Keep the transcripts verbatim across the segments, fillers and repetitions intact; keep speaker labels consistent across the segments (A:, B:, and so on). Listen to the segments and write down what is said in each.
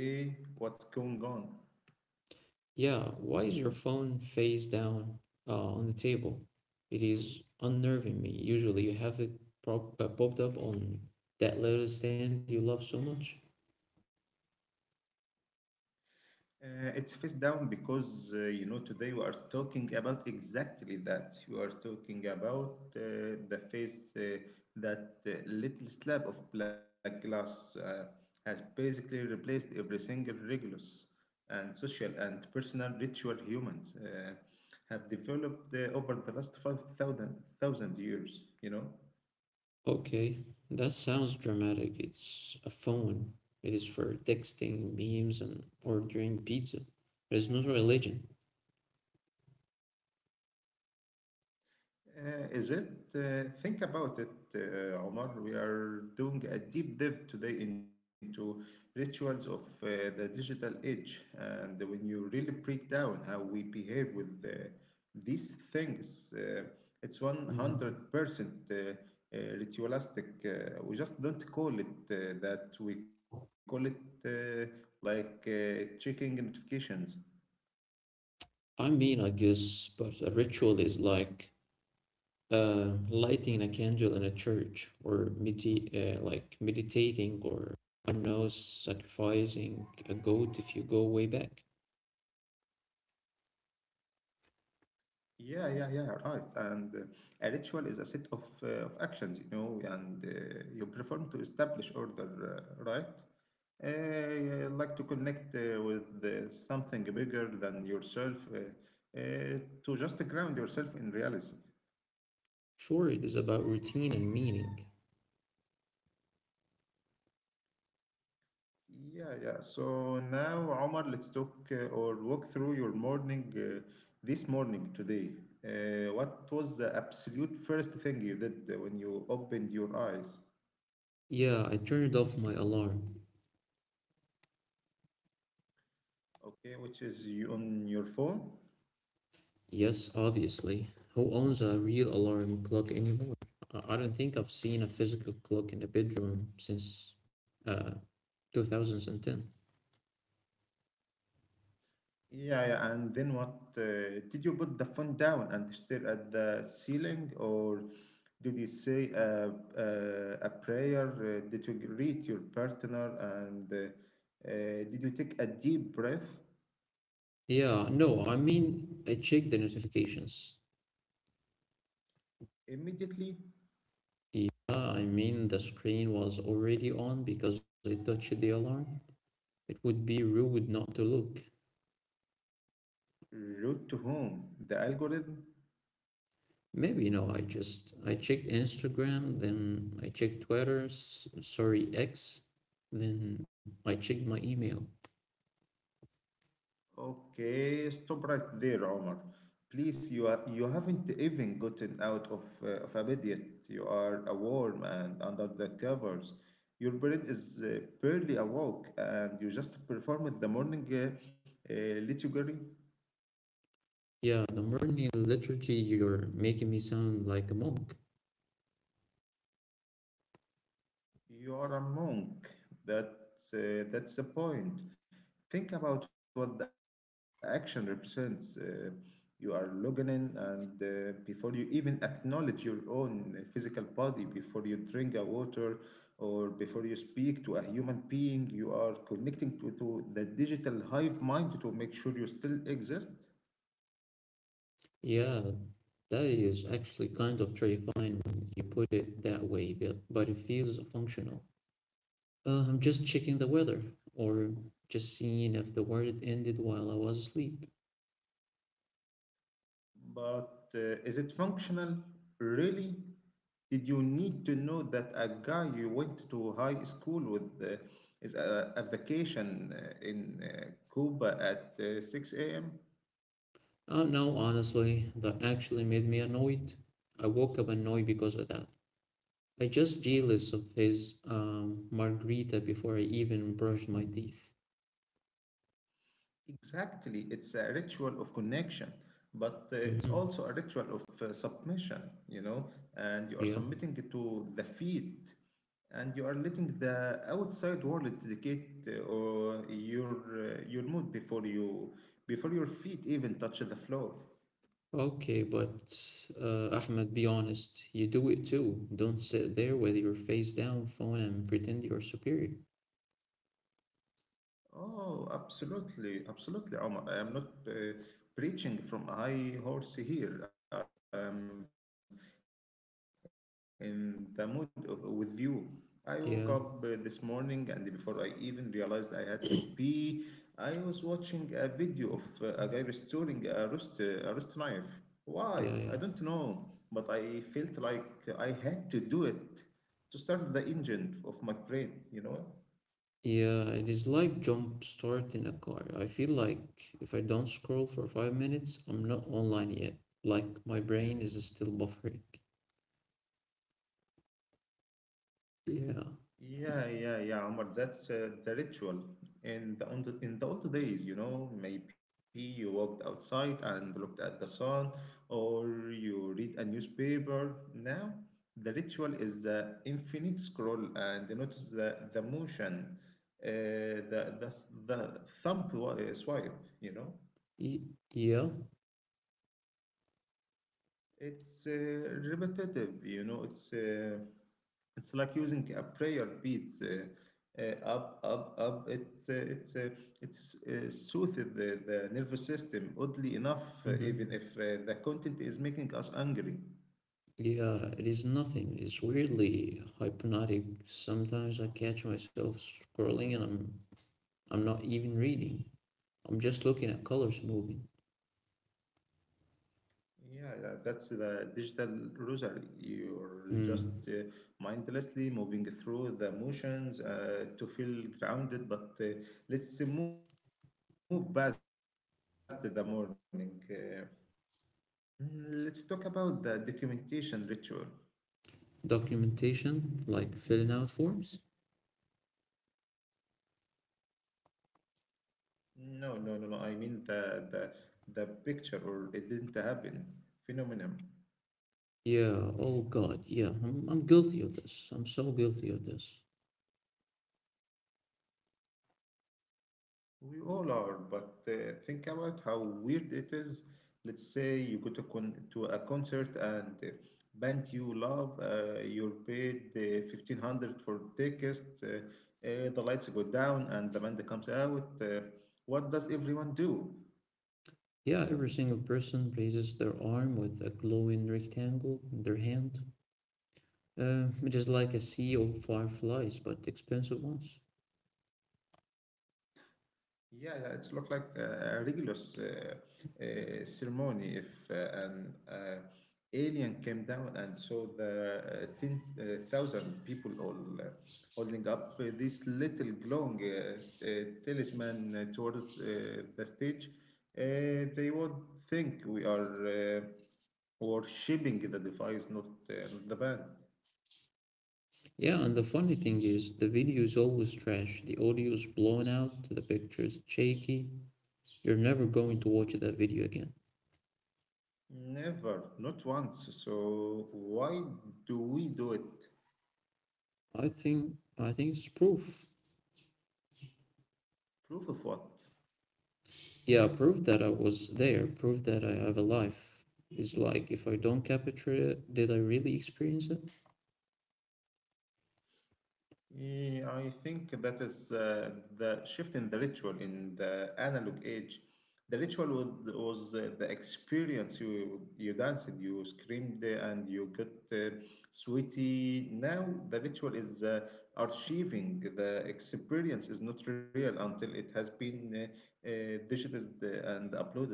A: Okay, what's going on?
B: Yeah, why is your phone face down uh, on the table? It is unnerving me. Usually you have it prop uh, popped up on that little stand you love so much.
A: Uh, it's face down because uh, you know today we are talking about exactly that. We are talking about uh, the face uh, that uh, little slab of black glass uh, has basically replaced every single rigorous and social and personal ritual humans uh, have developed uh, over the last 5,000 thousand thousand years. You know.
B: Okay, that sounds dramatic. It's a phone. It is for texting, memes, and ordering pizza. There's no religion.
A: Uh, is it? Uh, think about it, uh, Omar. We are doing a deep dive today into rituals of uh, the digital age. And when you really break down how we behave with uh, these things, uh, it's
B: Hmm.
A: one hundred percent uh, uh, ritualistic. Uh, we just don't call it uh, that. We call it uh, like uh, checking notifications.
B: I mean, I guess, but a ritual is like uh, lighting a candle in a church or medi uh, like meditating or I don't know, sacrificing a goat if you go way back.
A: Yeah, yeah, yeah, right. And uh, a ritual is a set of uh, of actions, you know, and uh, you perform to establish order, uh, right? Uh, like to connect uh, with uh, something bigger than yourself, uh, uh, to just ground yourself in reality.
B: Sure, it is about routine and meaning.
A: Yeah, yeah. So now, Omar, let's talk uh, or walk through your morning uh, this morning today. Uh, what was the absolute first thing you did uh, when you opened your eyes?
B: Yeah, I turned off my alarm.
A: Okay, which is you on your phone.
B: Yes, obviously. Who owns a real alarm clock anymore? I I don't think I've seen a physical clock in a bedroom since uh, two thousand ten.
A: Yeah, yeah. And then what? Uh, did you put the phone down and stare at the ceiling, or did you say a, a, a prayer? Uh, did you greet your partner? And uh, uh, did you take a deep breath
B: Yeah, no, I mean, I check the notifications.
A: immediately?
B: Yeah, I mean, the screen was already on because I touched the alarm. It would be rude not to look.
A: Route to whom? The algorithm.
B: Maybe, you know, I just I checked Instagram, then I checked Twitter, s- sorry, X, then I checked my email.
A: Okay, stop right there, Omar. Please, you are, you haven't even gotten out of uh, of a bed yet. You are a worm and under the covers. Your brain is uh, barely awoke, and you just performed the morning uh, uh, liturgy.
B: Yeah, the morning liturgy, you're making me sound like a monk.
A: You're a monk. That uh, that's the point. Think about what the action represents. Uh, you are logging in, and uh, before you even acknowledge your own uh, physical body, before you drink a water, or before you speak to a human being, you are connecting to, to the digital hive mind to make sure you still exist.
B: Yeah, that is actually kind of terrifying when you put it that way, but but it feels functional. Uh, I'm just checking the weather, or just seeing if the world ended while I was asleep.
A: But uh, is it functional? Really? Did you need to know that a guy you went to high school with uh, is a, a vacation uh, in uh, Cuba at uh, six a m?
B: Uh, no, honestly, that actually made me annoyed. I woke up annoyed because of that. I just jealous of his um, margarita before I even brushed my teeth.
A: Exactly, it's a ritual of connection, but uh, it's also
B: Hmm.
A: a ritual of uh, submission, you know, and you are
B: Yeah.
A: submitting to the feet and you are letting the outside world dictate uh, or your uh, your mood before you before your feet even touch the floor.
B: Okay, but uh, Ahmed, be honest. You do it too. Don't sit there with your face down, phone, and pretend you're superior.
A: Oh, absolutely, absolutely, Omar. I am not uh, preaching from a high horse here. I am in the mood of, with you. I woke
B: Yeah,
A: up uh, this morning, and before I even realized I had to pee, I was watching a video of uh, a guy restoring a roast, uh, a roast knife.
B: yeah,
A: Why?
B: yeah.
A: I don't know, but I felt like I had to do it to start the engine of my brain, you know?
B: Yeah, it is like jump start in a car. I feel like if I don't scroll for five minutes, I'm not online yet. Like my brain is still buffering. Yeah.
A: Yeah, yeah, yeah, Omar, that's uh, the ritual. In the, on the, in the old days, you know, maybe you walked outside and looked at the sun, or you read a newspaper. Now, the ritual is the infinite scroll and notice the, the motion, uh, the, the, the thumb wa- uh, swipe, you know?
B: Y- yeah.
A: It's uh, repetitive, you know. It's uh, it's like using a prayer beads. uh, uh, up, up, up. It uh, it's uh, it's uh, soothes the, the nervous system. Oddly enough, uh,
B: Mm-hmm.
A: even if uh, the content is making us angry.
B: Yeah, it is nothing. It's weirdly hypnotic. Sometimes I catch myself scrolling and I'm I'm not even reading. I'm just looking at colors moving.
A: Yeah, yeah, that's the digital rosary. You're just
B: Mm.
A: uh, mindlessly moving through the motions uh, to feel grounded. But uh, let's move past the morning. Uh, Mm, Let's talk about the documentation ritual.
B: Documentation, like filling out forms?
A: No, no, no, no. I mean the the the picture or it didn't happen phenomenon.
B: Yeah, oh God, yeah, I'm, I'm guilty of this. I'm so guilty of this.
A: We all are, but uh, think about how weird it is. Let's say you go to con to a concert and uh, band you love, uh, you're paid uh, fifteen hundred for tickets, uh, uh, the lights go down and the band comes out. Uh, what does everyone do?
B: Yeah, every single person raises their arm with a glowing rectangle in their hand. Uh, it is like a sea of fireflies, but expensive ones.
A: Yeah, yeah, it's look like a regular uh, uh, ceremony if uh, an uh, alien came down and saw the uh, ten thousand people all uh, holding up uh, this little glowing uh, uh, talisman uh, towards uh, the stage. Uh, they would think we are uh, worshipping the device, not, uh, not the band.
B: Yeah, and the funny thing is, the video is always trash. The audio is blown out, the picture is shaky. You're never going to watch that video again.
A: Never, not once. So why do we do it?
B: I think, I think it's proof.
A: Proof of what?
B: Yeah, proof that I was there, proof that I have a life. It's like if I don't capture it, did I really experience it?
A: Yeah, I think that is uh, the shift in the ritual in the analog age. The ritual was, was uh, the experience. You you danced, you screamed, uh, and you got uh, sweaty. Now the ritual is uh, archiving. The experience is not real until it has been uh, uh, digitized and uploaded.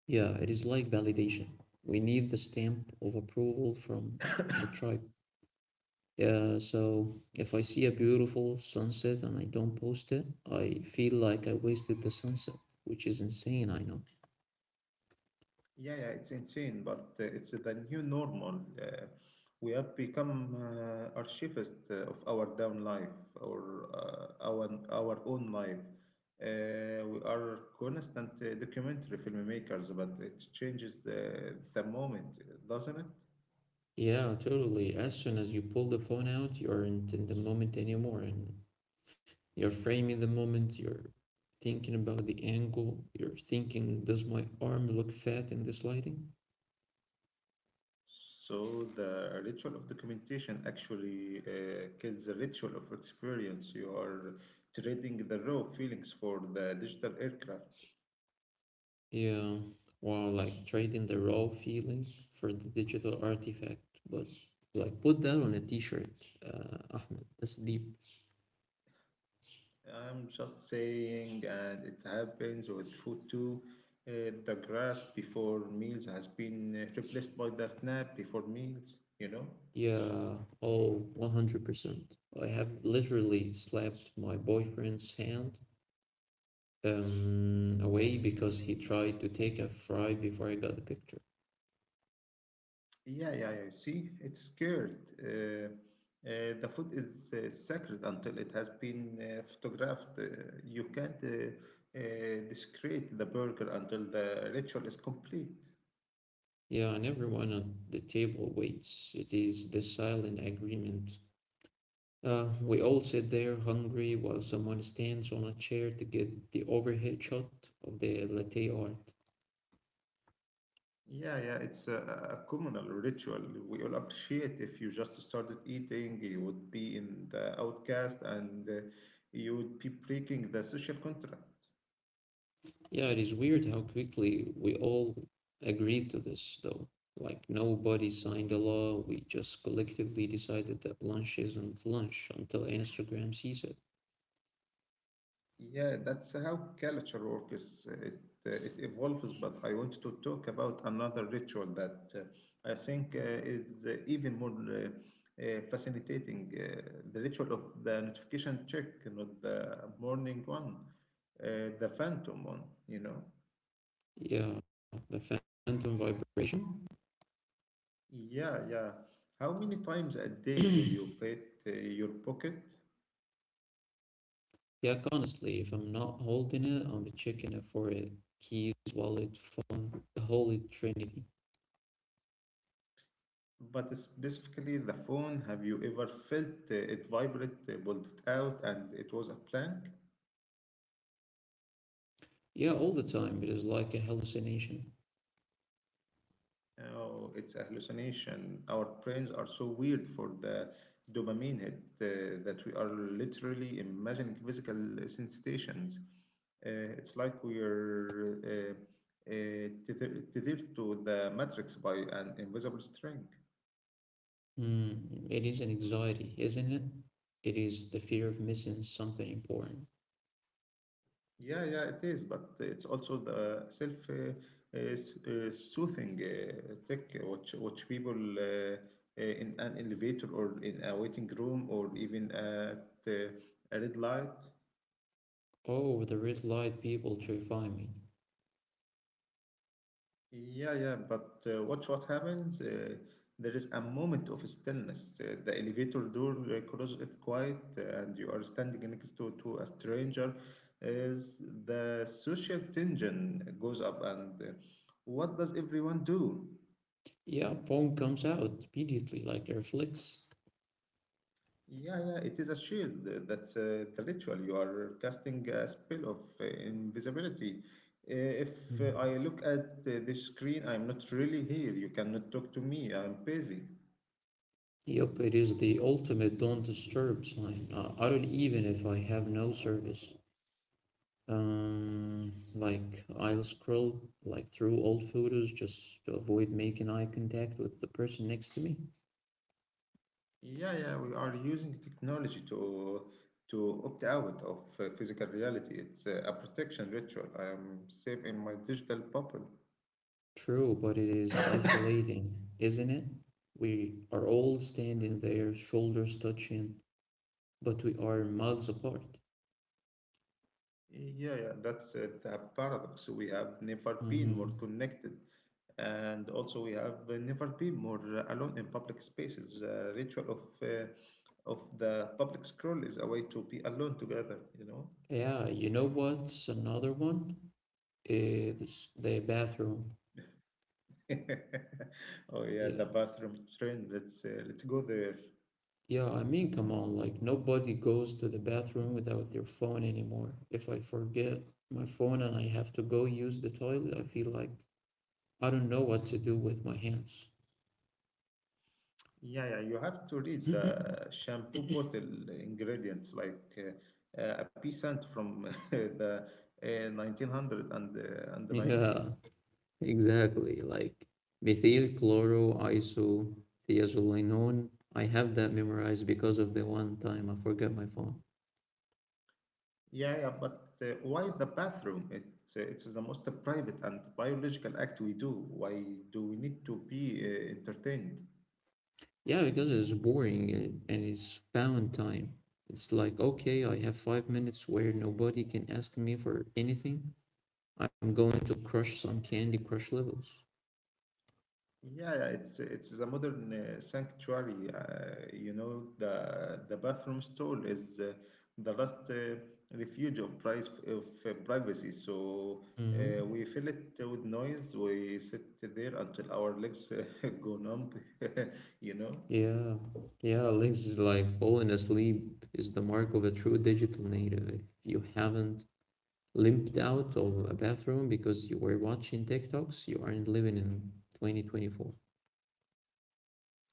B: Yeah, it is like validation. We need the stamp of approval from the tribe. Yeah, so if I see a beautiful sunset and I don't post it, I feel like I wasted the sunset, which is insane, I know.
A: Yeah, yeah, it's insane, but uh, it's the new normal. Uh, we have become uh, archivist uh, of our down life or uh, our our own life. Uh, we are constant uh, documentary filmmakers, but it changes uh, the moment, doesn't it?
B: Yeah, totally. As soon as you pull the phone out, you aren't in the moment anymore, and you're framing the moment, you're thinking about the angle, you're thinking, does my arm look fat in this lighting?
A: So the ritual of documentation actually uh, kills the ritual of experience. You are trading the raw feelings for the digital aircraft.
B: Yeah, wow, like trading the raw feeling for the digital artifact, but like put that on a t-shirt, uh, Ahmed. That's deep.
A: I'm just saying, and it happens with food too. Uh, the grass before meals has been uh, replaced by the snap before meals, you know?
B: Yeah, oh, one hundred percent. I have literally slapped my boyfriend's hand um, away because he tried to take a fry before I got the picture.
A: Yeah, yeah, yeah. See, it's scared. Uh, uh, the food is uh, sacred until it has been uh, photographed. Uh, you can't uh, uh, desecrate the burger until the ritual is complete.
B: Yeah, and everyone at the table waits. It is the silent agreement. Uh, we all sit there hungry while someone stands on a chair to get the overhead shot of the latte art.
A: Yeah, yeah, it's a, a a communal ritual. We all appreciate if you just started eating, you would be in the outcast and uh, you would be breaking the social contract.
B: Yeah, it is weird how quickly we all agreed to this, though. Like, nobody signed a law, we just collectively decided that lunch isn't lunch until Instagram sees it.
A: Yeah, that's how culture works. It, uh, it evolves, but I want to talk about another ritual that uh, I think uh, is uh, even more uh, uh, fascinating, uh, the ritual of the notification check, not the morning one, uh, the phantom one, you know.
B: Yeah, the phantom vibration.
A: Yeah, yeah. How many times a day do you pet uh, your pocket?
B: Yeah, honestly, if I'm not holding it, I'm checking it for it. Keys, wallet, phone, the holy trinity.
A: But specifically the phone, have you ever felt uh, it vibrate, uh, pulled it out, and it was a plank?
B: Yeah, all the time. It is like a hallucination.
A: Oh, it's a hallucination. Our brains are so weird for the dopamine hit uh, that we are literally imagining physical sensations. Uh, it's like we're uh, uh, tether- tethered to the matrix by an invisible string.
B: Hmm, it is an anxiety, isn't it? It is the fear of missing something important.
A: Yeah, yeah, it is, but it's also the self uh, uh, s- uh, soothing uh, tech, which which people uh, uh, in an elevator or in a waiting room or even at uh, a red light.
B: Oh, the red light people terrify me.
A: Yeah, yeah, but uh, watch what happens. Uh, there is a moment of stillness. Uh, the elevator door uh, closes it quiet, uh, and you are standing next to, to a stranger. Is the social tension goes up, and uh, what does everyone do?
B: Yeah, phone comes out immediately like a reflex.
A: Yeah, yeah, it is a shield. uh, That's uh, the ritual. You are casting a spell of uh, invisibility. Uh, if uh,
B: Hmm.
A: I look at uh, this screen, I'm not really here. You cannot talk to me. I'm busy.
B: Yup, it is the ultimate don't disturb sign. Uh, I don't even if I have no service. Um, like I'll scroll like through old photos just to avoid making eye contact with the person next to me.
A: Yeah, yeah, we are using technology to to opt out of uh, physical reality. It's uh, a protection ritual. I am safe in my digital bubble.
B: True, but it is isolating, isn't it? We are all standing there, shoulders touching, but we are miles apart.
A: Yeah, yeah, that's uh, the paradox. So we have never been
B: Hmm.
A: more connected, and also we have uh, never been more uh, alone in public spaces. The ritual of uh, of the public scroll is a way to be alone together, you know.
B: Yeah, you know what's another one? It's the bathroom.
A: Oh yeah,
B: Yeah.
A: the bathroom trend. Let's uh, let's go there.
B: Yeah, I mean, come on, like nobody goes to the bathroom without their phone anymore. If I forget my phone and I have to go use the toilet, I feel like I don't know what to do with my hands.
A: Yeah, yeah. You have to read the shampoo bottle ingredients like uh, uh, a peasant from the uh, nineteen hundred and uh, and ninety.
B: Yeah, exactly. Like methyl chloroiso thiazolinone, I have that memorized because of the one time I forgot my phone.
A: Yeah, yeah, but uh, why the bathroom? It, uh, it's the most private and biological act we do. Why do we need to be uh, entertained?
B: Yeah, because it's boring and and it's found time. It's like, okay, I have five minutes where nobody can ask me for anything. I'm going to crush some Candy Crush levels.
A: Yeah, yeah, it's it's the modern uh, sanctuary. Uh, you know, the the bathroom stall is uh, the last uh, refuge of price of uh, privacy. So uh, we
B: Mm-hmm.
A: fill it with noise. We sit there until our legs uh, go numb. you know.
B: Yeah, yeah, Link's is like falling asleep is the mark of a true digital native. If you haven't limped out of a bathroom because you were watching TikToks, you aren't living in twenty twenty-four.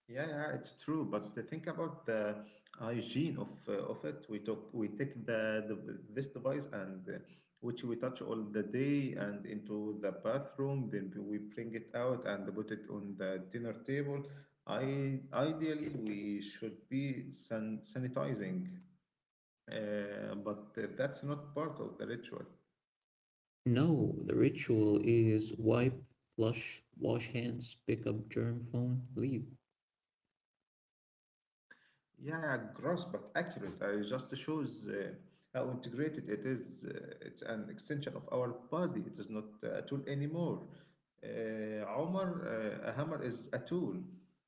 A: Yeah, yeah, it's true. But think about the uh, hygiene of uh, of it. We took we take the, the this device and uh, which we touch all the day and into the bathroom. Then we bring it out and put it on the dinner table. I ideally we should be san sanitizing, uh, but uh, that's not part of the ritual.
B: No, the ritual is wipe, flush, wash hands, pick up germ phone, leave.
A: Yeah, yeah, gross but accurate. I just shows uh, how integrated it is. Uh, it's an extension of our body. It is not uh, a tool anymore. Uh, Omar, uh, a hammer is a tool.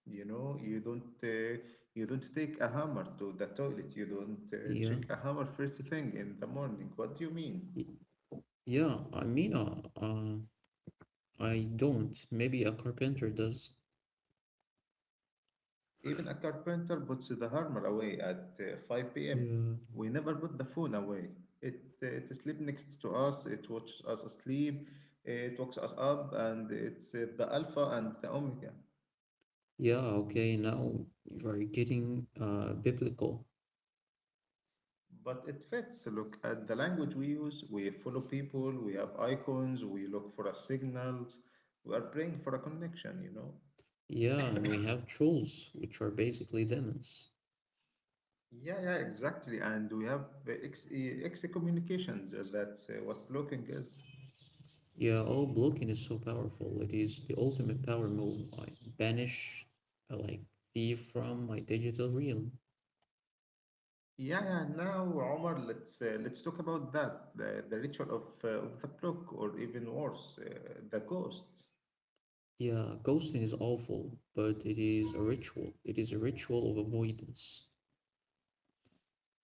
A: You know, you don't uh, you don't take a hammer to the toilet. You don't uh,
B: Yeah,
A: check a hammer first thing in the morning. What do you mean?
B: y- yeah, I mean, uh, uh, I don't. Maybe a carpenter does.
A: Even a carpenter puts the hammer away at uh, five p m.
B: Yeah.
A: We never put the phone away. It, uh, it sleeps next to us, it watches us asleep, it wakes us up, and it's uh, the alpha and the omega.
B: Yeah, okay, now you're getting uh, biblical.
A: But it fits. Look at the language we use. We follow people, we have icons, we look for our signals, we are praying for a connection, you know?
B: Yeah, and we have trolls, which are basically demons.
A: Yeah, yeah, exactly. And we have uh, ex- uh, excommunications. uh, That's uh, what blocking is.
B: Yeah, oh, blocking is so powerful. It is the ultimate power move. I banish, uh, like, thief from my digital realm.
A: Yeah, yeah. Now, Omar, let's uh, let's talk about that, the, the ritual of uh, of the block, or even worse, uh, the ghost.
B: Yeah, ghosting is awful, but it is a ritual. It is a ritual of avoidance.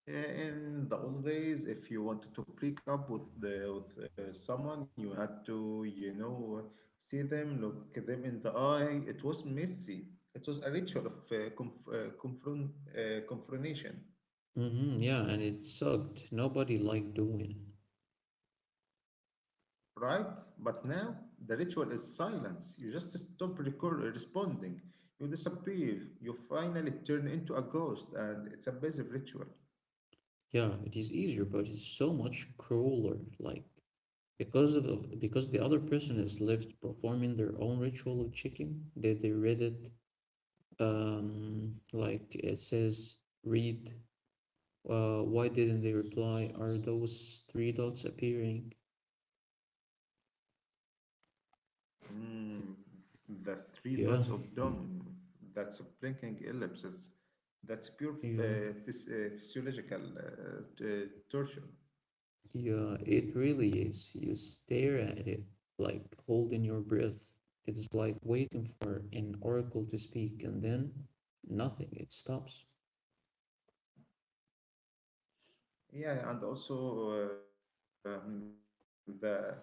A: Uh, In the old days, if you wanted to break up with the with uh, someone, you had to, you know, see them, look them in the eye. It was messy. It was a ritual of uh, conf uh, confront uh, confrontation.
B: Mm-hmm, yeah, and it sucked. Nobody liked doing it.
A: Right? But now the ritual is silence. You just stop recor- responding. You disappear. You finally turn into a ghost, and it's a massive ritual.
B: Yeah, it is easier, but it's so much crueler. Like because of the- because the other person has lived performing their own ritual of chicken. They they read it. Um, like it says, read. Uh, why didn't they reply? Are those three dots appearing?
A: Mm, the three
B: Yeah,
A: dots of dawn. That's a blinking ellipses. That's
B: yeah,
A: pure uh, phys- uh, physiological uh, t- torture.
B: yeah. It really is. You stare at it like holding your breath. It's like waiting for an oracle to speak, and then nothing. It stops.
A: Yeah, and also um, the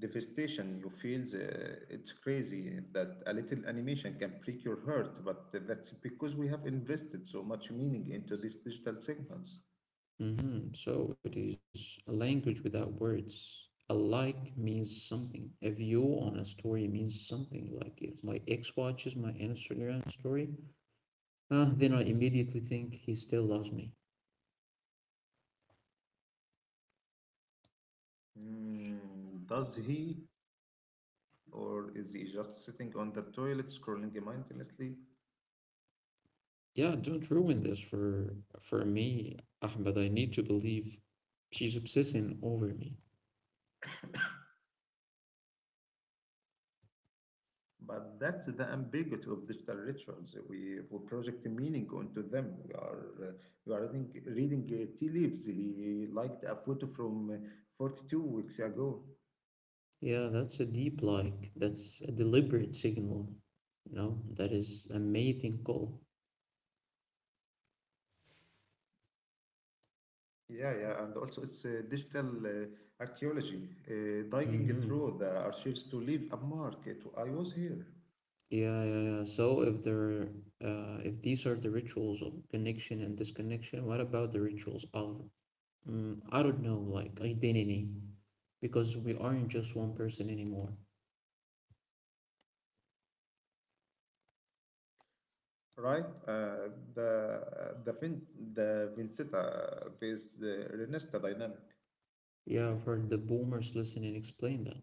A: devastation you feel. Uh, it's crazy that a little animation can prick your heart, but that's because we have invested so much meaning into these digital signals.
B: hmm So it is a language without words. A like means something. A view on a story means something. Like if my ex watches my Instagram story, uh, then I immediately think he still loves me.
A: Hmm, does he, or is he just sitting on the toilet scrolling mindlessly?
B: Yeah, don't ruin this for for me, Ahmed. I need to believe she's obsessing over me.
A: But that's the ambiguity of digital rituals. We, we project meaning onto them. We are uh, we are reading, reading uh, tea leaves. He liked a photo from uh, forty-two weeks ago.
B: Yeah, that's a deep like. That's a deliberate signal. No, that is a mating call.
A: Yeah, yeah, and also it's uh, digital uh, archaeology, uh, digging
B: Mm-hmm.
A: through the archives to leave a mark. It, I was here,
B: Yeah, yeah, yeah. So if there, uh, if these are the rituals of connection and disconnection, what about the rituals of, mm, I don't know, like identity? Because we aren't just one person anymore.
A: right? Uh, the the Vin, the Vincita based uh, Renesta dynamic.
B: Yeah, I've heard the boomers listen and explain that.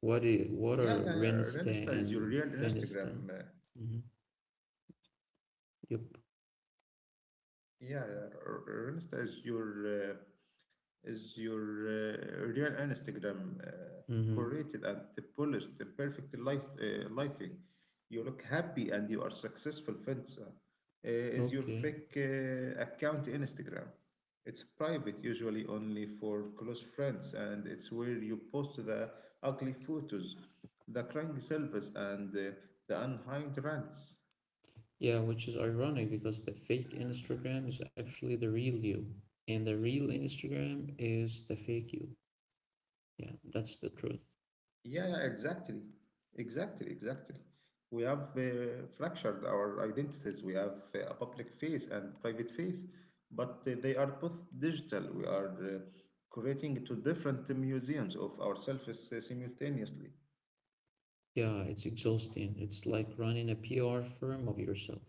B: What i- what
A: Yeah,
B: are
A: yeah, yeah.
B: renista
A: Renesta is your
B: and
A: real
B: fenista?
A: Instagram. uh,
B: Mm-hmm. Yep.
A: Yeah, R- R- Insta is your uh, is your uh, real Instagram uh,
B: Mm-hmm.
A: curated and polished, the perfect light uh, lighting. You look happy and you are successful. Fensa uh, is your
B: Okay.
A: fake uh, account Instagram. It's private, usually only for close friends, and it's where you post the ugly photos, the crying selfies, and uh, the unkind rants.
B: Yeah, which is ironic because the fake Instagram is actually the real you, and the real Instagram is the fake you. Yeah, that's the truth.
A: Yeah, yeah, exactly. Exactly, exactly. We have uh, fractured our identities. We have uh, a public face and private face, but uh, they are both digital. We are uh, creating two different museums of ourselves uh, simultaneously.
B: Yeah, it's exhausting. It's like running a P R firm of yourself.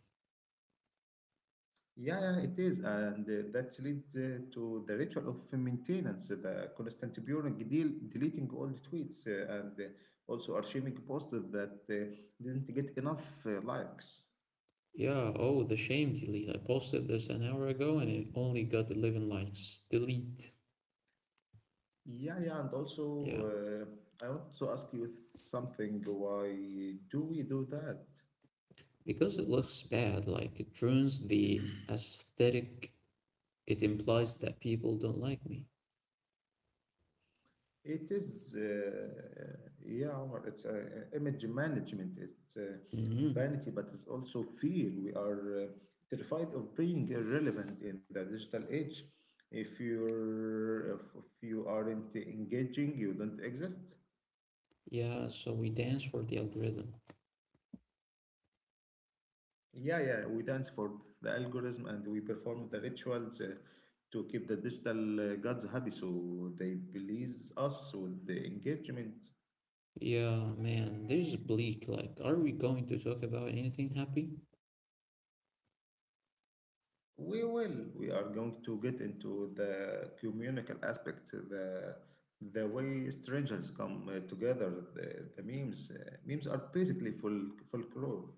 A: Yeah, yeah, it is. And uh, that leads uh, to the ritual of maintenance, uh, the constant burying, del deleting all the tweets, uh, and uh, also archiving posts that uh, didn't get enough uh, likes.
B: Yeah, oh, the shame delete. I posted this an hour ago and it only got eleven likes. Delete.
A: Yeah, yeah, and also
B: Yeah,
A: uh, I want to ask you something. Why do we do that?
B: because it looks bad, like it ruins the aesthetic. It implies that people don't like me.
A: It is, uh, yeah, Omar, it's uh, image management. It's uh,
B: Hmm.
A: vanity, but it's also fear. We are uh, terrified of being irrelevant in the digital age. If you're, if if you aren't engaging, you don't exist.
B: Yeah, so we dance for the algorithm.
A: Yeah, yeah, we dance for the algorithm and we perform the rituals uh, to keep the digital uh, gods happy so they please us with the engagement.
B: Yeah, man, this is bleak. Like, are we going to talk about anything happy?
A: We will. We are going to get into the communal aspect, the the way strangers come uh, together, the, the memes. Uh, memes are basically full folklore.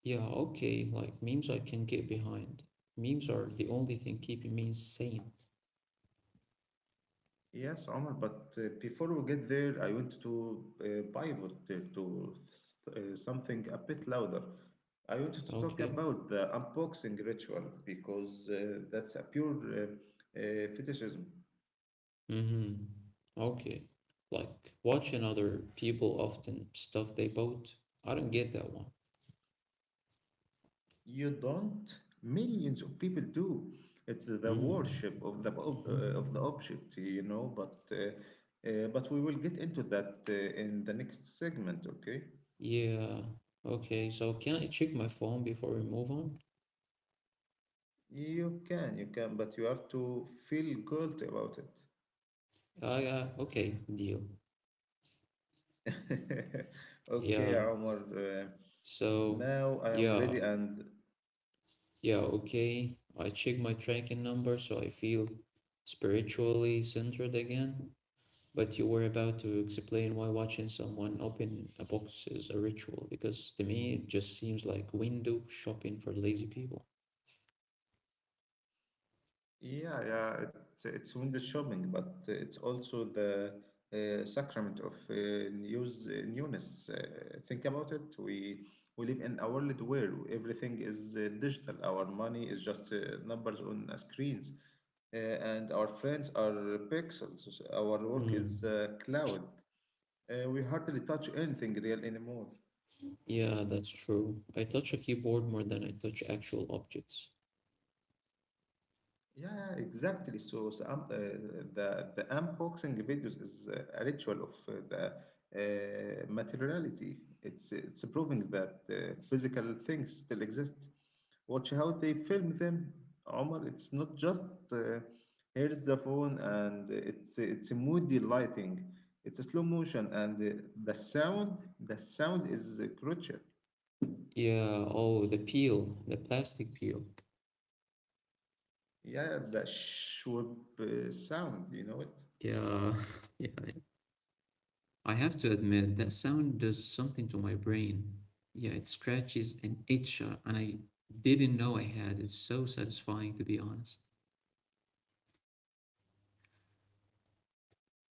B: Yeah, okay, like memes I can get behind. Memes are the only thing keeping me sane.
A: Yes, Omar, but uh, before we get there, I want to uh, pivot uh, to th- uh, something a bit louder. I wanted to talk
B: Okay.
A: about the unboxing ritual because uh, that's a pure uh, uh, fetishism.
B: Mm-hmm. Okay. Like watching other people often stuff they bought. I don't get that one.
A: You don't, millions of people do. It's the
B: Mm.
A: worship of the ob- uh, of the
B: Hmm.
A: object, you know. But uh, uh, but we will get into that uh, in the next segment, okay?
B: Yeah. Okay, so can I check my phone before we move on?
A: You can, you can, but you have to feel guilty about it.
B: I uh, Okay, deal.
A: Okay,
B: Yeah.
A: Omar. Uh,
B: So,
A: now I am
B: yeah.
A: ready, and
B: Yeah, okay. I check my tracking number so I feel spiritually centered again. But you were about to explain why watching someone open a box is a ritual, because to me it just seems like window shopping for lazy people.
A: yeah, yeah, it's it's window shopping, but it's also the uh, sacrament of uh, news uh, newness. Uh, think about it. We we live in a world where everything is uh, digital. Our money is just uh, numbers on uh, screens, uh, and our friends are pixels. Our work is
B: Mm.
A: uh, cloud. Uh, we hardly touch anything real anymore.
B: Yeah, that's true. I touch a keyboard more than I touch actual objects.
A: Yeah, yeah, exactly. So, so um, uh, the the unboxing videos is uh, a ritual of uh, the uh, materiality. It's it's proving that uh, physical things still exist. Watch how they film them, Omar. It's not just uh, here's the phone and it's it's a moody lighting. It's a slow motion and uh, the sound. The sound is uh, crucial.
B: Yeah, oh, the peel, the plastic peel.
A: Yeah, the shwip uh, sound. You know it.
B: Yeah, yeah. I have to admit that sound does something to my brain. Yeah, it scratches an itch, uh, and I didn't know I had. It's so satisfying, to be honest.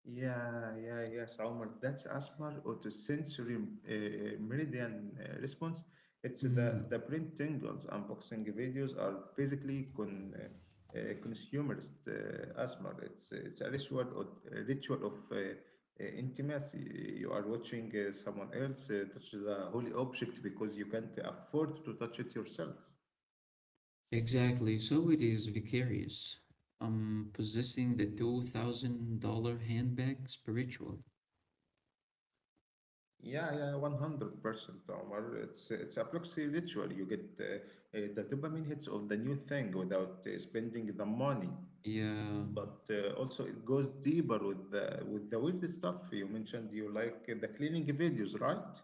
A: Yeah, yeah, yes, Omar. That's asthma autosensory uh, uh, meridian uh, response. It's
B: Mm.
A: the the brain tingles. Unboxing videos are basically con, uh, uh, consumerist uh, asthma. It's it's a ritual of, a ritual of uh, uh, intimacy. You are watching uh, someone else uh, touch the holy object because you can't afford to touch it yourself.
B: Exactly, so it is vicarious. I'm possessing the two thousand dollars handbag spiritual.
A: Yeah, yeah, one hundred percent Omar. It's it's a proxy ritual. You get uh, uh, the dopamine hits of the new thing without uh, spending the money.
B: Yeah,
A: But uh, also it goes deeper with the with the weird stuff you mentioned. You like uh, the cleaning videos, right?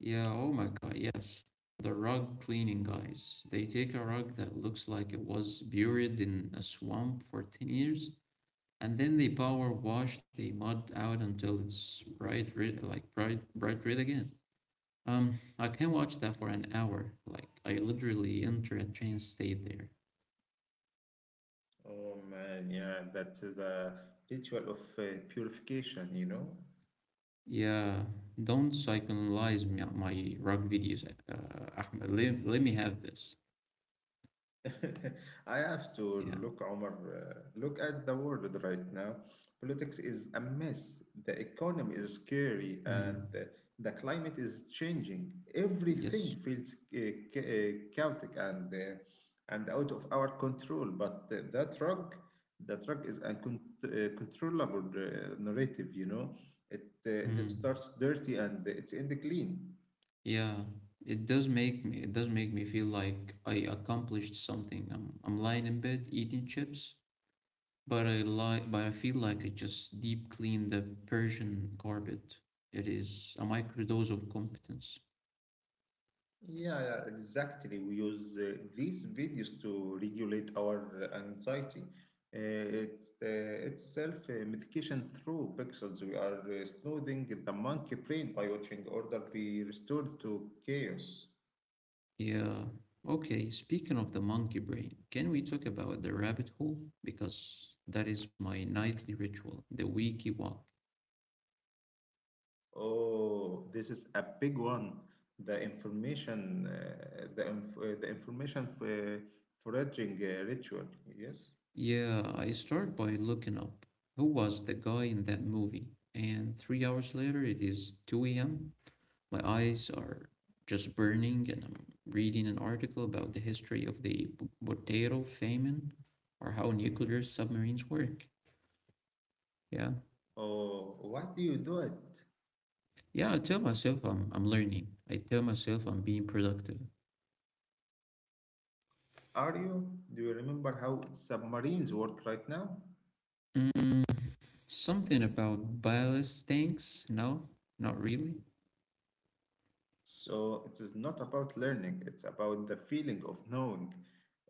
B: yeah, oh my God, yes. The rug cleaning guys. They take a rug that looks like it was buried in a swamp for ten years, and then they power wash the mud out until it's bright red, like bright, bright red again. Um, I can watch that for an hour. Like, I literally enter a trance state there.
A: Oh man, yeah, that's the ritual of uh, purification, you know.
B: Yeah, don't psychoanalyze my, my rug videos, uh, Ahmed. Let, let me have this.
A: I have to
B: Yeah.
A: look, Omar. Uh, look at the world right now. Politics is a mess. The economy is scary, and
B: Mm.
A: the, the climate is changing. Everything
B: Yes.
A: feels uh, cha- uh, chaotic and uh, and out of our control. But uh, that rock, that rock is uncontrollable uh, narrative. You know, it uh, it
B: Mm.
A: starts dirty and it ends clean.
B: Yeah. It does make me, it does make me feel like I accomplished something. I'm, I'm lying in bed eating chips, but I lie, but I feel like I just deep clean the Persian carpet. It is a microdose of competence.
A: Yeah, yeah, exactly. We use uh, these videos to regulate our uh, anxiety. Uh, it's uh, it's self uh, medication through pixels. We are uh, soothing the monkey brain by watching order be restored to chaos.
B: Yeah. Okay, speaking of the monkey brain, can we talk about the rabbit hole? Because that is my nightly ritual, the wiki walk.
A: Oh, this is a big one. The information, uh, the inf- uh, the information for foraging uh, ritual. Yes.
B: Yeah, I start by looking up who was the guy in that movie, and three hours later it is two a m. My eyes are just burning, and I'm reading an article about the history of the B- Botero famine or how nuclear submarines work. Yeah.
A: Oh, why do you do it?
B: Yeah, I tell myself I'm, I'm learning. I tell myself I'm being productive.
A: Are you? Do you remember how submarines work right now?
B: Mm, something about ballast tanks? No, not really.
A: So it is not about learning, it's about the feeling of knowing.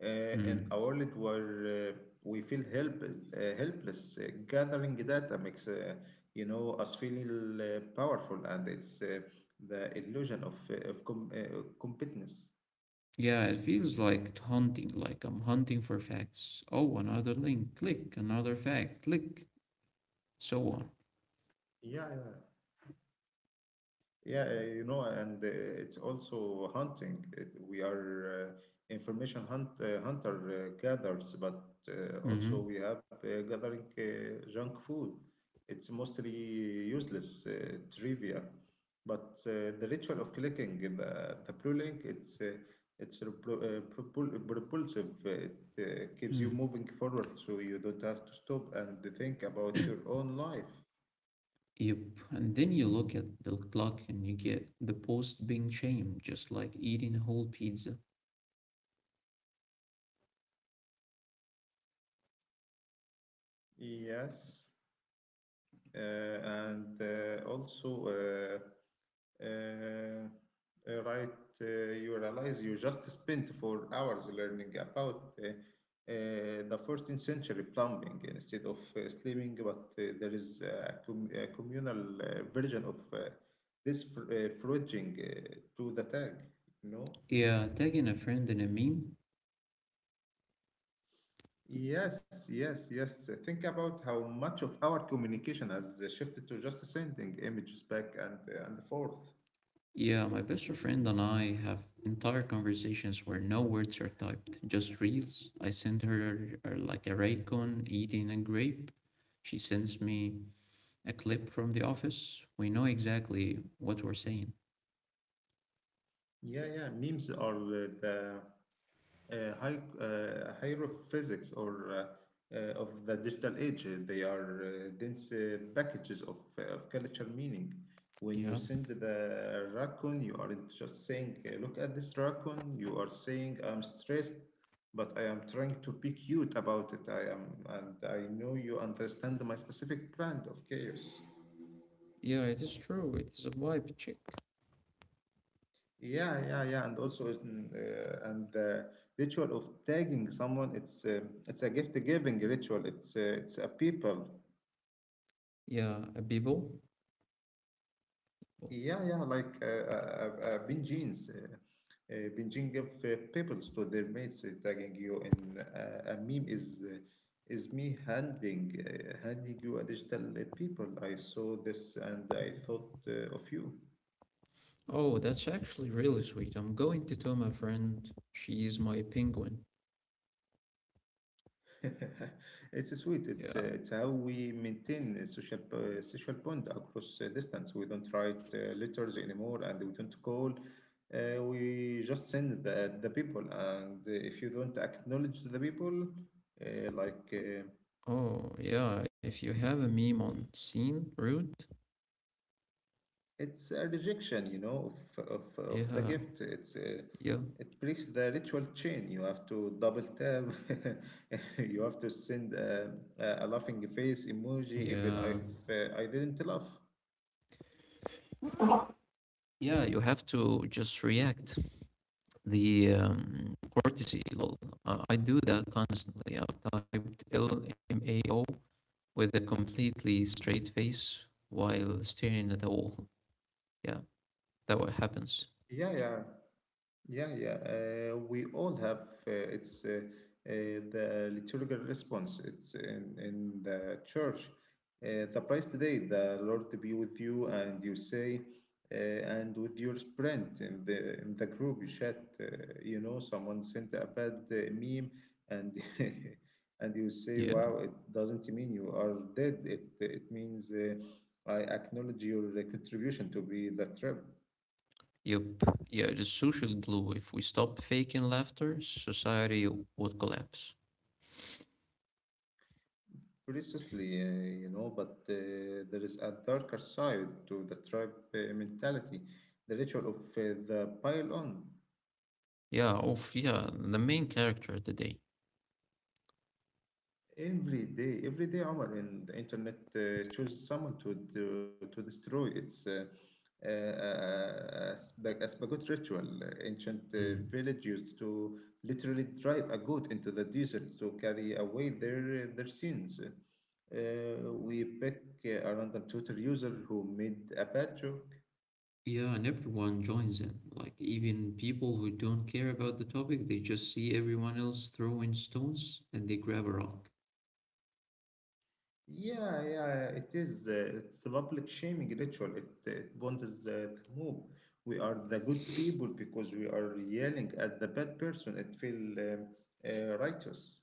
A: Uh, in a
B: Mm.
A: world where uh, we feel help, uh, helpless, uh, gathering data makes uh, you know us feel uh, powerful, and it's uh, the illusion of uh, of com- uh, competence.
B: Yeah, it feels like hunting, like I'm hunting for facts. Oh, another link, click, another fact, click, so on.
A: Yeah, yeah. Yeah, uh, you know, and uh, it's also hunting. It, we are uh, information hunt, uh, hunter uh, gatherers, but uh,
B: Mm-hmm.
A: also we have uh, gathering uh, junk food. It's mostly useless uh, trivia, but uh, the ritual of clicking the, the blue link, it's uh, it's repro- uh, propul- propulsive. It uh, keeps you
B: Mm.
A: moving forward, so you don't have to stop and think about your own life.
B: Yep. And then you look at the clock and you get the post being shamed, just like eating a whole pizza.
A: Yes. uh, and uh, also uh, uh, uh, right, uh, you realize you just spent four hours learning about uh, uh, the fourteenth century plumbing instead of uh, sleeping, but uh, there is a, com- a communal uh, version of uh, this fr- uh, foraging uh, to the tag you know
B: Yeah, tagging a friend in a meme?
A: yes, yes, yes. Uh, think about how much of our communication has uh, shifted to just sending images back and uh, and forth.
B: Yeah, my best friend and I have entire conversations where no words are typed, just reels. I send her uh, like a raycon eating a grape. She sends me a clip from the office. We know exactly what we're saying.
A: Yeah, yeah. Memes are uh, the uh, high, uh, hieroglyphics or uh, uh, of the digital age. Uh, They are uh, dense uh, packages of, uh, of cultural meaning. When you
B: Yeah,
A: send the raccoon, you aren't just saying, uh, "Look at this raccoon." You are saying, "I'm stressed, but I am trying to be cute about it. I am, and I know you understand my specific brand of chaos."
B: yeah, it is true. It is a vibe check.
A: Yeah, yeah, yeah, and also mm, uh, and the ritual of tagging someone, it's uh, it's a gift-giving ritual. It's uh, it's a people.
B: Yeah, a bibble.
A: Yeah, yeah, like uh, uh, uh, Benjins. Uh, uh, Benjin give uh, pebbles to their mates uh, tagging you, in uh, a meme is uh, is me handing uh, handing you a digital uh, people. I saw this and I thought uh, of you.
B: Oh, that's actually really sweet. I'm going to tell my friend she is my penguin.
A: It's sweet. It's
B: Yeah.
A: uh, it's how we maintain a social uh, social bond across uh, distance. We don't write uh, letters anymore, and we don't call. Uh, we just send the the people, and uh, if you don't acknowledge the people, uh, like uh,
B: Oh, yeah. If you have a meme on scene, rude.
A: it's a rejection, you know, of of of the
B: Yeah.
A: gift. It's uh,
B: Yeah,
A: it breaks the ritual chain. You have to double tap. You have to send uh, a, a laughing face emoji, even
B: yeah,
A: if uh, I didn't laugh.
B: yeah. You have to just react. The um, courtesy lol. Uh, I do that constantly. I've typed L M A O with a completely straight face while staring at the wall. Yeah, that what happens.
A: Yeah, yeah, yeah, yeah. Uh, we all have uh, it's uh, uh, the liturgical response. It's in, in the church. Uh, the price today, the Lord be with you, and you say, uh, and with your sprint in the in the group you chat. Uh, you know, someone sent a bad uh, meme, and and you say,
B: Yeah,
A: wow, it doesn't mean you are dead. It it means uh, I acknowledge your uh, contribution to be the trip.
B: yep. Yeah, just social glue. If we stop faking laughter, society would collapse.
A: Precisely, uh, you know, but uh, there is a darker side to the tribe uh, mentality, the ritual of uh, the pile on.
B: Yeah, oof, yeah. The main character today.
A: Every day, every day, Omar, in the internet uh, chooses someone to to, to destroy its uh, uh, uh, Asbag- Asbagot ritual. Uh, Ancient uh, village used to literally drive a goat into the desert to carry away their their sins. Uh, we pick uh, a random Twitter user who made a badger.
B: Yeah, and everyone joins in. Like, even people who don't care about the topic, they just see everyone else throwing stones and they grab a rock.
A: Yeah, yeah, it is. Uh, it's a public shaming ritual. It, it bonds uh, the mob. We are the good people because we are yelling at the bad person. It feel um, uh, righteous.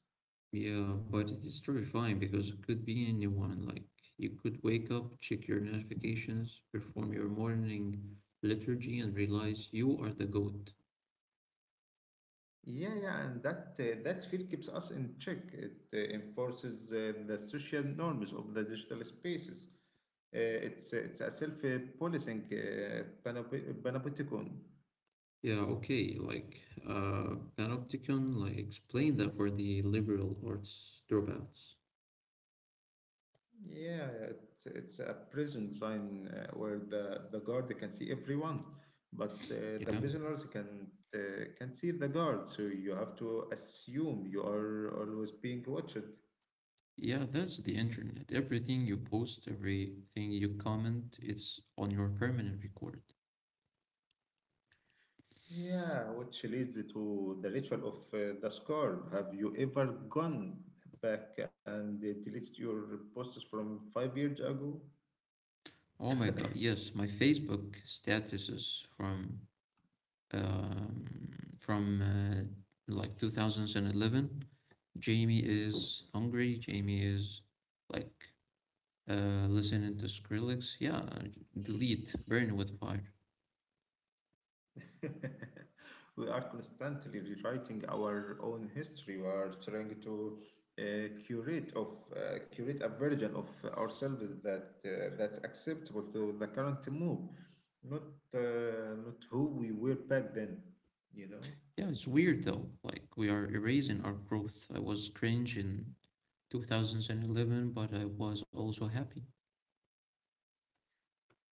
B: Yeah, but it is terrifying because it could be anyone. Like, you could wake up, check your notifications, perform your morning liturgy, and realize you are the goat.
A: Yeah, yeah, and that uh, that feel keeps us in check. It uh, enforces uh, the social norms of the digital spaces. Uh, it's it's a self-policing uh, panop- panopticon.
B: Yeah, okay, like, uh, Panopticon, like, explain that for the liberal arts dropouts.
A: Yeah, it's, it's a prison sign uh, where the, the guard can see everyone, but uh, the
B: Yeah.
A: prisoners can uh, can see the guard. So you have to assume you are always being watched.
B: Yeah, that's the internet. Everything you post, everything you comment, it's on your permanent record.
A: Yeah, which leads to the ritual of uh, the scarab. Have you ever gone back and uh, deleted your posts from five years ago?
B: Oh my God, yes, my Facebook statuses from um, from uh, like two thousand eleven. Jamie is hungry. Jamie is like uh, listening to Skrillex. Yeah, delete, burn with fire.
A: We are constantly rewriting our own history. We are trying to uh, curate of uh, curate a version of ourselves that uh, that's acceptable to the current mood, not uh, not who we were back then. You know,
B: Yeah, it's weird though. Like we are erasing our growth. I was cringe in two thousand eleven, but I was also happy.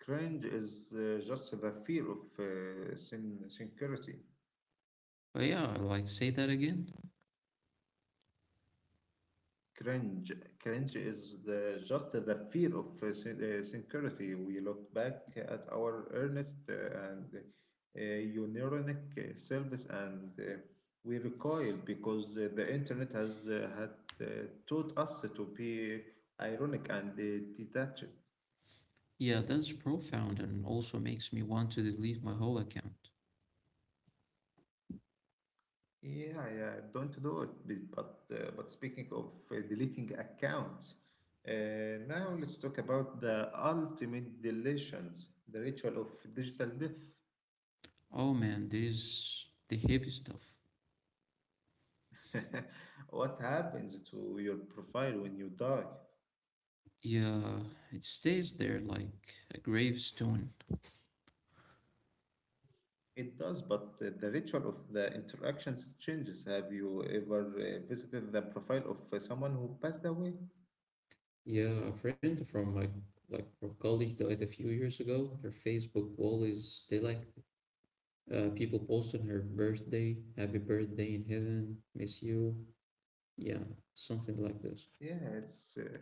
A: cringe is uh, just the fear of uh, sin- sincerity.
B: But yeah, like say that again.
A: Cringe. Cringe is the, just the fear of uh, syn- uh, sincerity. We look back at our earnest uh, and uh, unionic uh, selves and uh, we recoil because uh, the internet has uh, had uh, taught us to be ironic and uh, detached.
B: Yeah, that's profound and also makes me want to delete my whole account.
A: Yeah, yeah, don't do it. B- But uh, but speaking of uh, deleting accounts, uh, now let's talk about the ultimate deletions, the ritual of digital death.
B: Oh man, this the heavy stuff.
A: What happens to your profile when you die?
B: Yeah, it stays there like a gravestone.
A: It does, but uh, the ritual of the interactions changes. Have you ever uh, visited the profile of uh, someone who passed away?
B: Yeah, a friend from my like from college died a few years ago. Her Facebook wall is still active. Uh, people post on her birthday, happy birthday in heaven, miss you. Yeah, something like this.
A: Yeah, it's uh,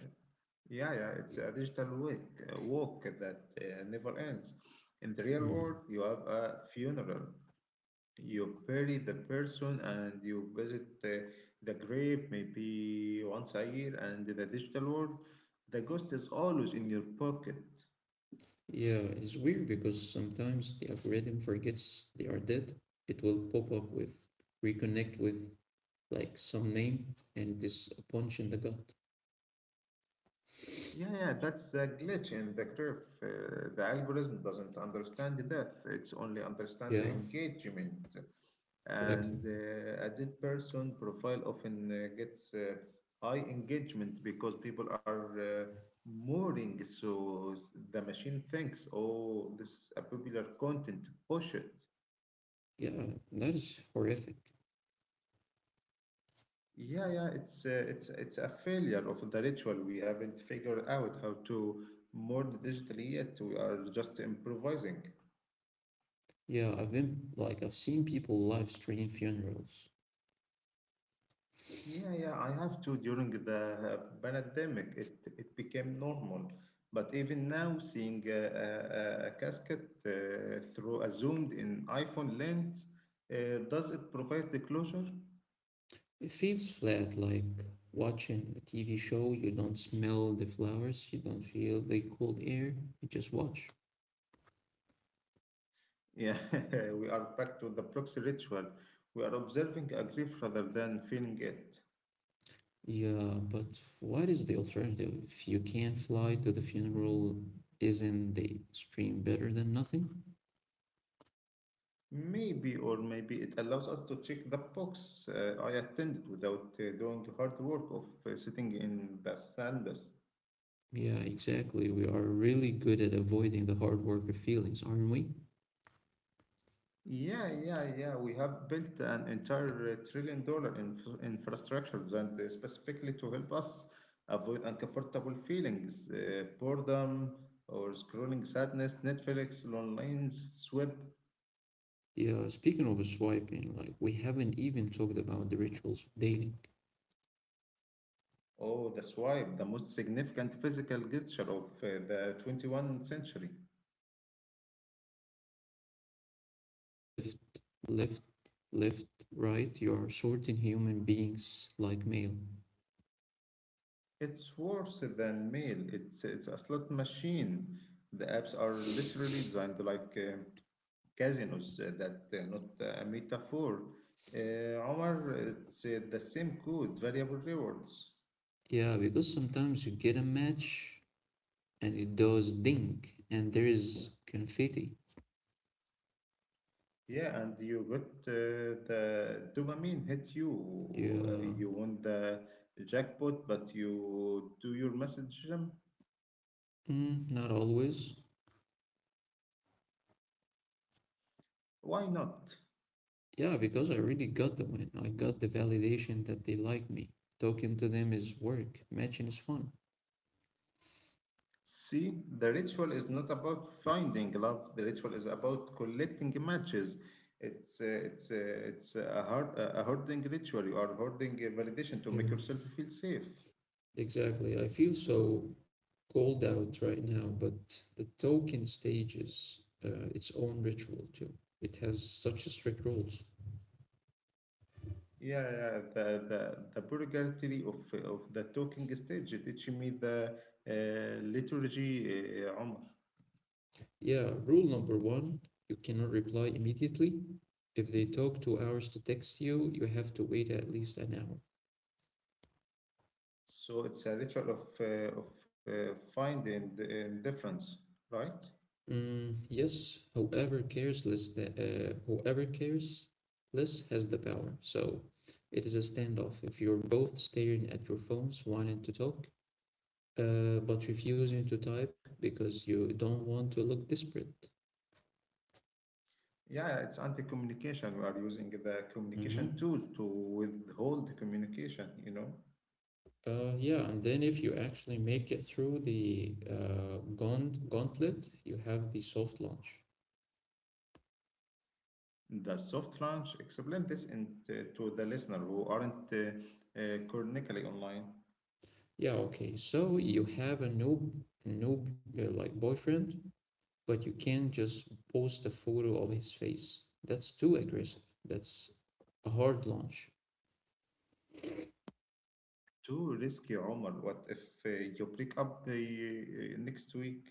A: yeah, yeah, it's a digital walk, a walk that uh, never ends. In the real world,
B: Hmm.
A: you have a funeral. You bury the person and you visit the, the grave maybe once a year, and in the digital world, the ghost is always in your pocket.
B: Yeah, it's weird because sometimes the algorithm forgets they are dead. It will pop up with reconnect with like some name and this punch in the gut.
A: Yeah, yeah, that's a glitch in the graph. Uh, the algorithm doesn't understand the depth, it's only understand the
B: Yeah,
A: engagement. And
B: exactly.
A: uh, a dead person profile often uh, gets uh, high engagement because people are uh, mooring. So the machine thinks, oh, this is a popular content, push it.
B: Yeah, that is horrific.
A: Yeah, yeah, it's uh, it's it's a failure of the ritual. We haven't figured out how to more digitally yet. We are just improvising.
B: Yeah, I've been like I've seen people live stream funerals.
A: Yeah, yeah, I have to. During the uh, pandemic, it, it became normal. But even now, seeing a, a, a casket uh, through a zoomed in iPhone lens, uh, does it provide the closure?
B: It feels flat, like watching a T V show. You don't smell the flowers, you don't feel the cold air, you just watch.
A: Yeah, we are back to the proxy ritual. We are observing a grief rather than feeling it.
B: Yeah, but what is the alternative? If you can't fly to the funeral, isn't the stream better than nothing?
A: Maybe, or maybe it allows us to check the box, uh, I attended without uh, doing the hard work of uh, sitting in the sandals.
B: Yeah, exactly. We are really good at avoiding the hard work of feelings, aren't we?
A: Yeah, yeah, yeah. We have built an entire uh, trillion dollar inf- infrastructure and uh, specifically to help us avoid uncomfortable feelings, uh, boredom or scrolling sadness, Netflix, online swipe.
B: Yeah, speaking of swiping, like we haven't even talked about the rituals of dating.
A: Oh, the swipe, the most significant physical gesture of uh, the twenty-first century.
B: Yeah, it's terrifying when you think about it. Left, left, left, right, you are sorting human beings like mail.
A: It's worse than mail. It's it's a slot machine. The apps are literally designed like. um casinos uh, that uh, not a metaphor. Uh, Omar, it's uh, the same code, variable rewards.
B: Yeah, because sometimes you get a match and it does ding, and there is confetti.
A: Yeah, and you got uh, the dopamine hit you.
B: Yeah,
A: Uh, you won the jackpot, but you do your message jump.
B: mm, not always.
A: Why not?
B: Yeah, because I already got the win. I got the validation that they like me. Talking to them is work, matching is fun.
A: See, the ritual is not about finding love. The ritual is about collecting matches. It's uh, it's uh, it's a hard a hoarding ritual. You are hoarding a validation to
B: Yeah,
A: make yourself feel safe.
B: exactly. I feel so called out right now, but the talking stage is uh, its own ritual too. It has such strict rules.
A: Yeah, yeah, the the the Burger of of the talking stage. It teach me the uh, liturgy, uh, Omar.
B: Yeah, rule number one, you cannot reply immediately. If they talk two hours to text you, you have to wait at least an hour.
A: So it's a ritual of uh, of uh, find and, and difference, right?
B: Mm, yes, whoever cares less that uh, whoever cares less has the power. So it is a standoff. If you're both staring at your phones, wanting to talk, uh, but refusing to type because you don't want to look desperate.
A: Yeah, it's anti-communication. We are using the communication
B: Mhm.
A: tool to withhold communication. You know,
B: Uh, yeah, and then if you actually make it through the uh, gaunt gauntlet, you have the soft launch.
A: the soft launch. Explain this in to, to the listener who aren't uh, uh, chronically online.
B: Yeah, okay. So you have a noob, noob uh, like boyfriend, but you can't just post a photo of his face. That's too aggressive. That's a hard launch.
A: Too risky, Omar. What if uh, you break up uh, next week?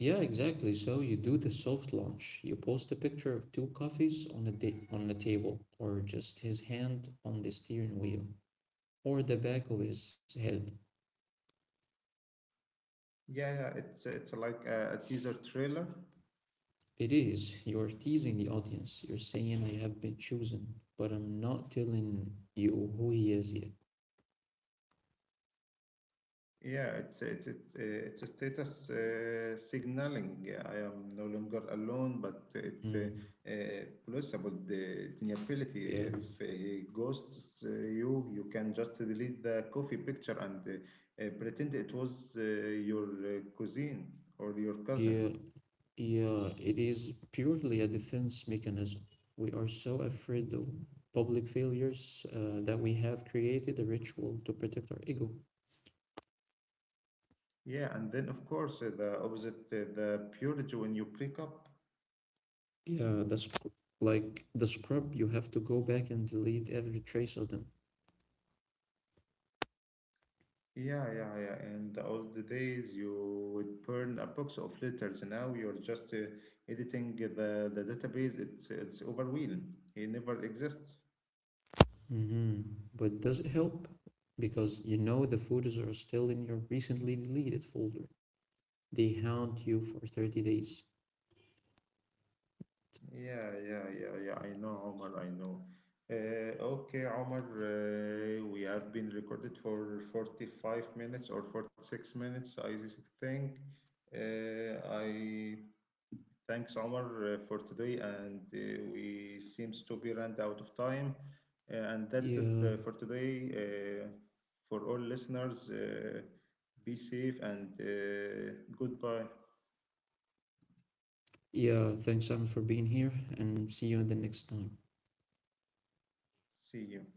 B: Yeah, exactly. So you do the soft launch. You post a picture of two coffees on a da- on the table, or just his hand on the steering wheel, or the back of his head.
A: Yeah, yeah, it's it's like a, a teaser trailer.
B: It is. You're teasing the audience. You're saying I have been chosen, but I'm not telling you who he is yet.
A: Yeah, it's it's it's uh, it's a status uh, signaling. Yeah, I am no longer alone, but it's uh,
B: Mm,
A: uh, plus about the deniability.
B: yeah.
A: If uh, he ghosts uh, you, you can just delete the coffee picture and uh, uh, pretend it was uh, your uh, cousin or your cousin.
B: Yeah. Yeah. It is purely a defense mechanism. We are so afraid of public failures uh, that we have created a ritual to protect our ego.
A: Yeah, and then of course uh, the opposite, uh, the purity when you break up.
B: Yeah, that's like the scrub, you have to go back and delete every trace of them.
A: Yeah, yeah, yeah. In the old days, you would burn a box of letters. Now you're just uh, editing the, the database. It's it's overwhelmed. It never exists.
B: Hmm. But does it help? Because you know the photos are still in your recently deleted folder. They haunt you for thirty days.
A: Yeah, yeah, yeah, yeah. I know, Omar. I know. Uh, okay, Omar. Uh, we have been recorded for forty-five minutes or forty-six minutes, I think. Uh, I Thanks, Omar, uh, for today, and uh, we seems to be run out of time. Uh, and that's it
B: Yeah,
A: uh, for today. Uh, for all listeners, uh, be safe and uh, goodbye.
B: yeah, thanks Simon for being here and see you in the next time.
A: See you.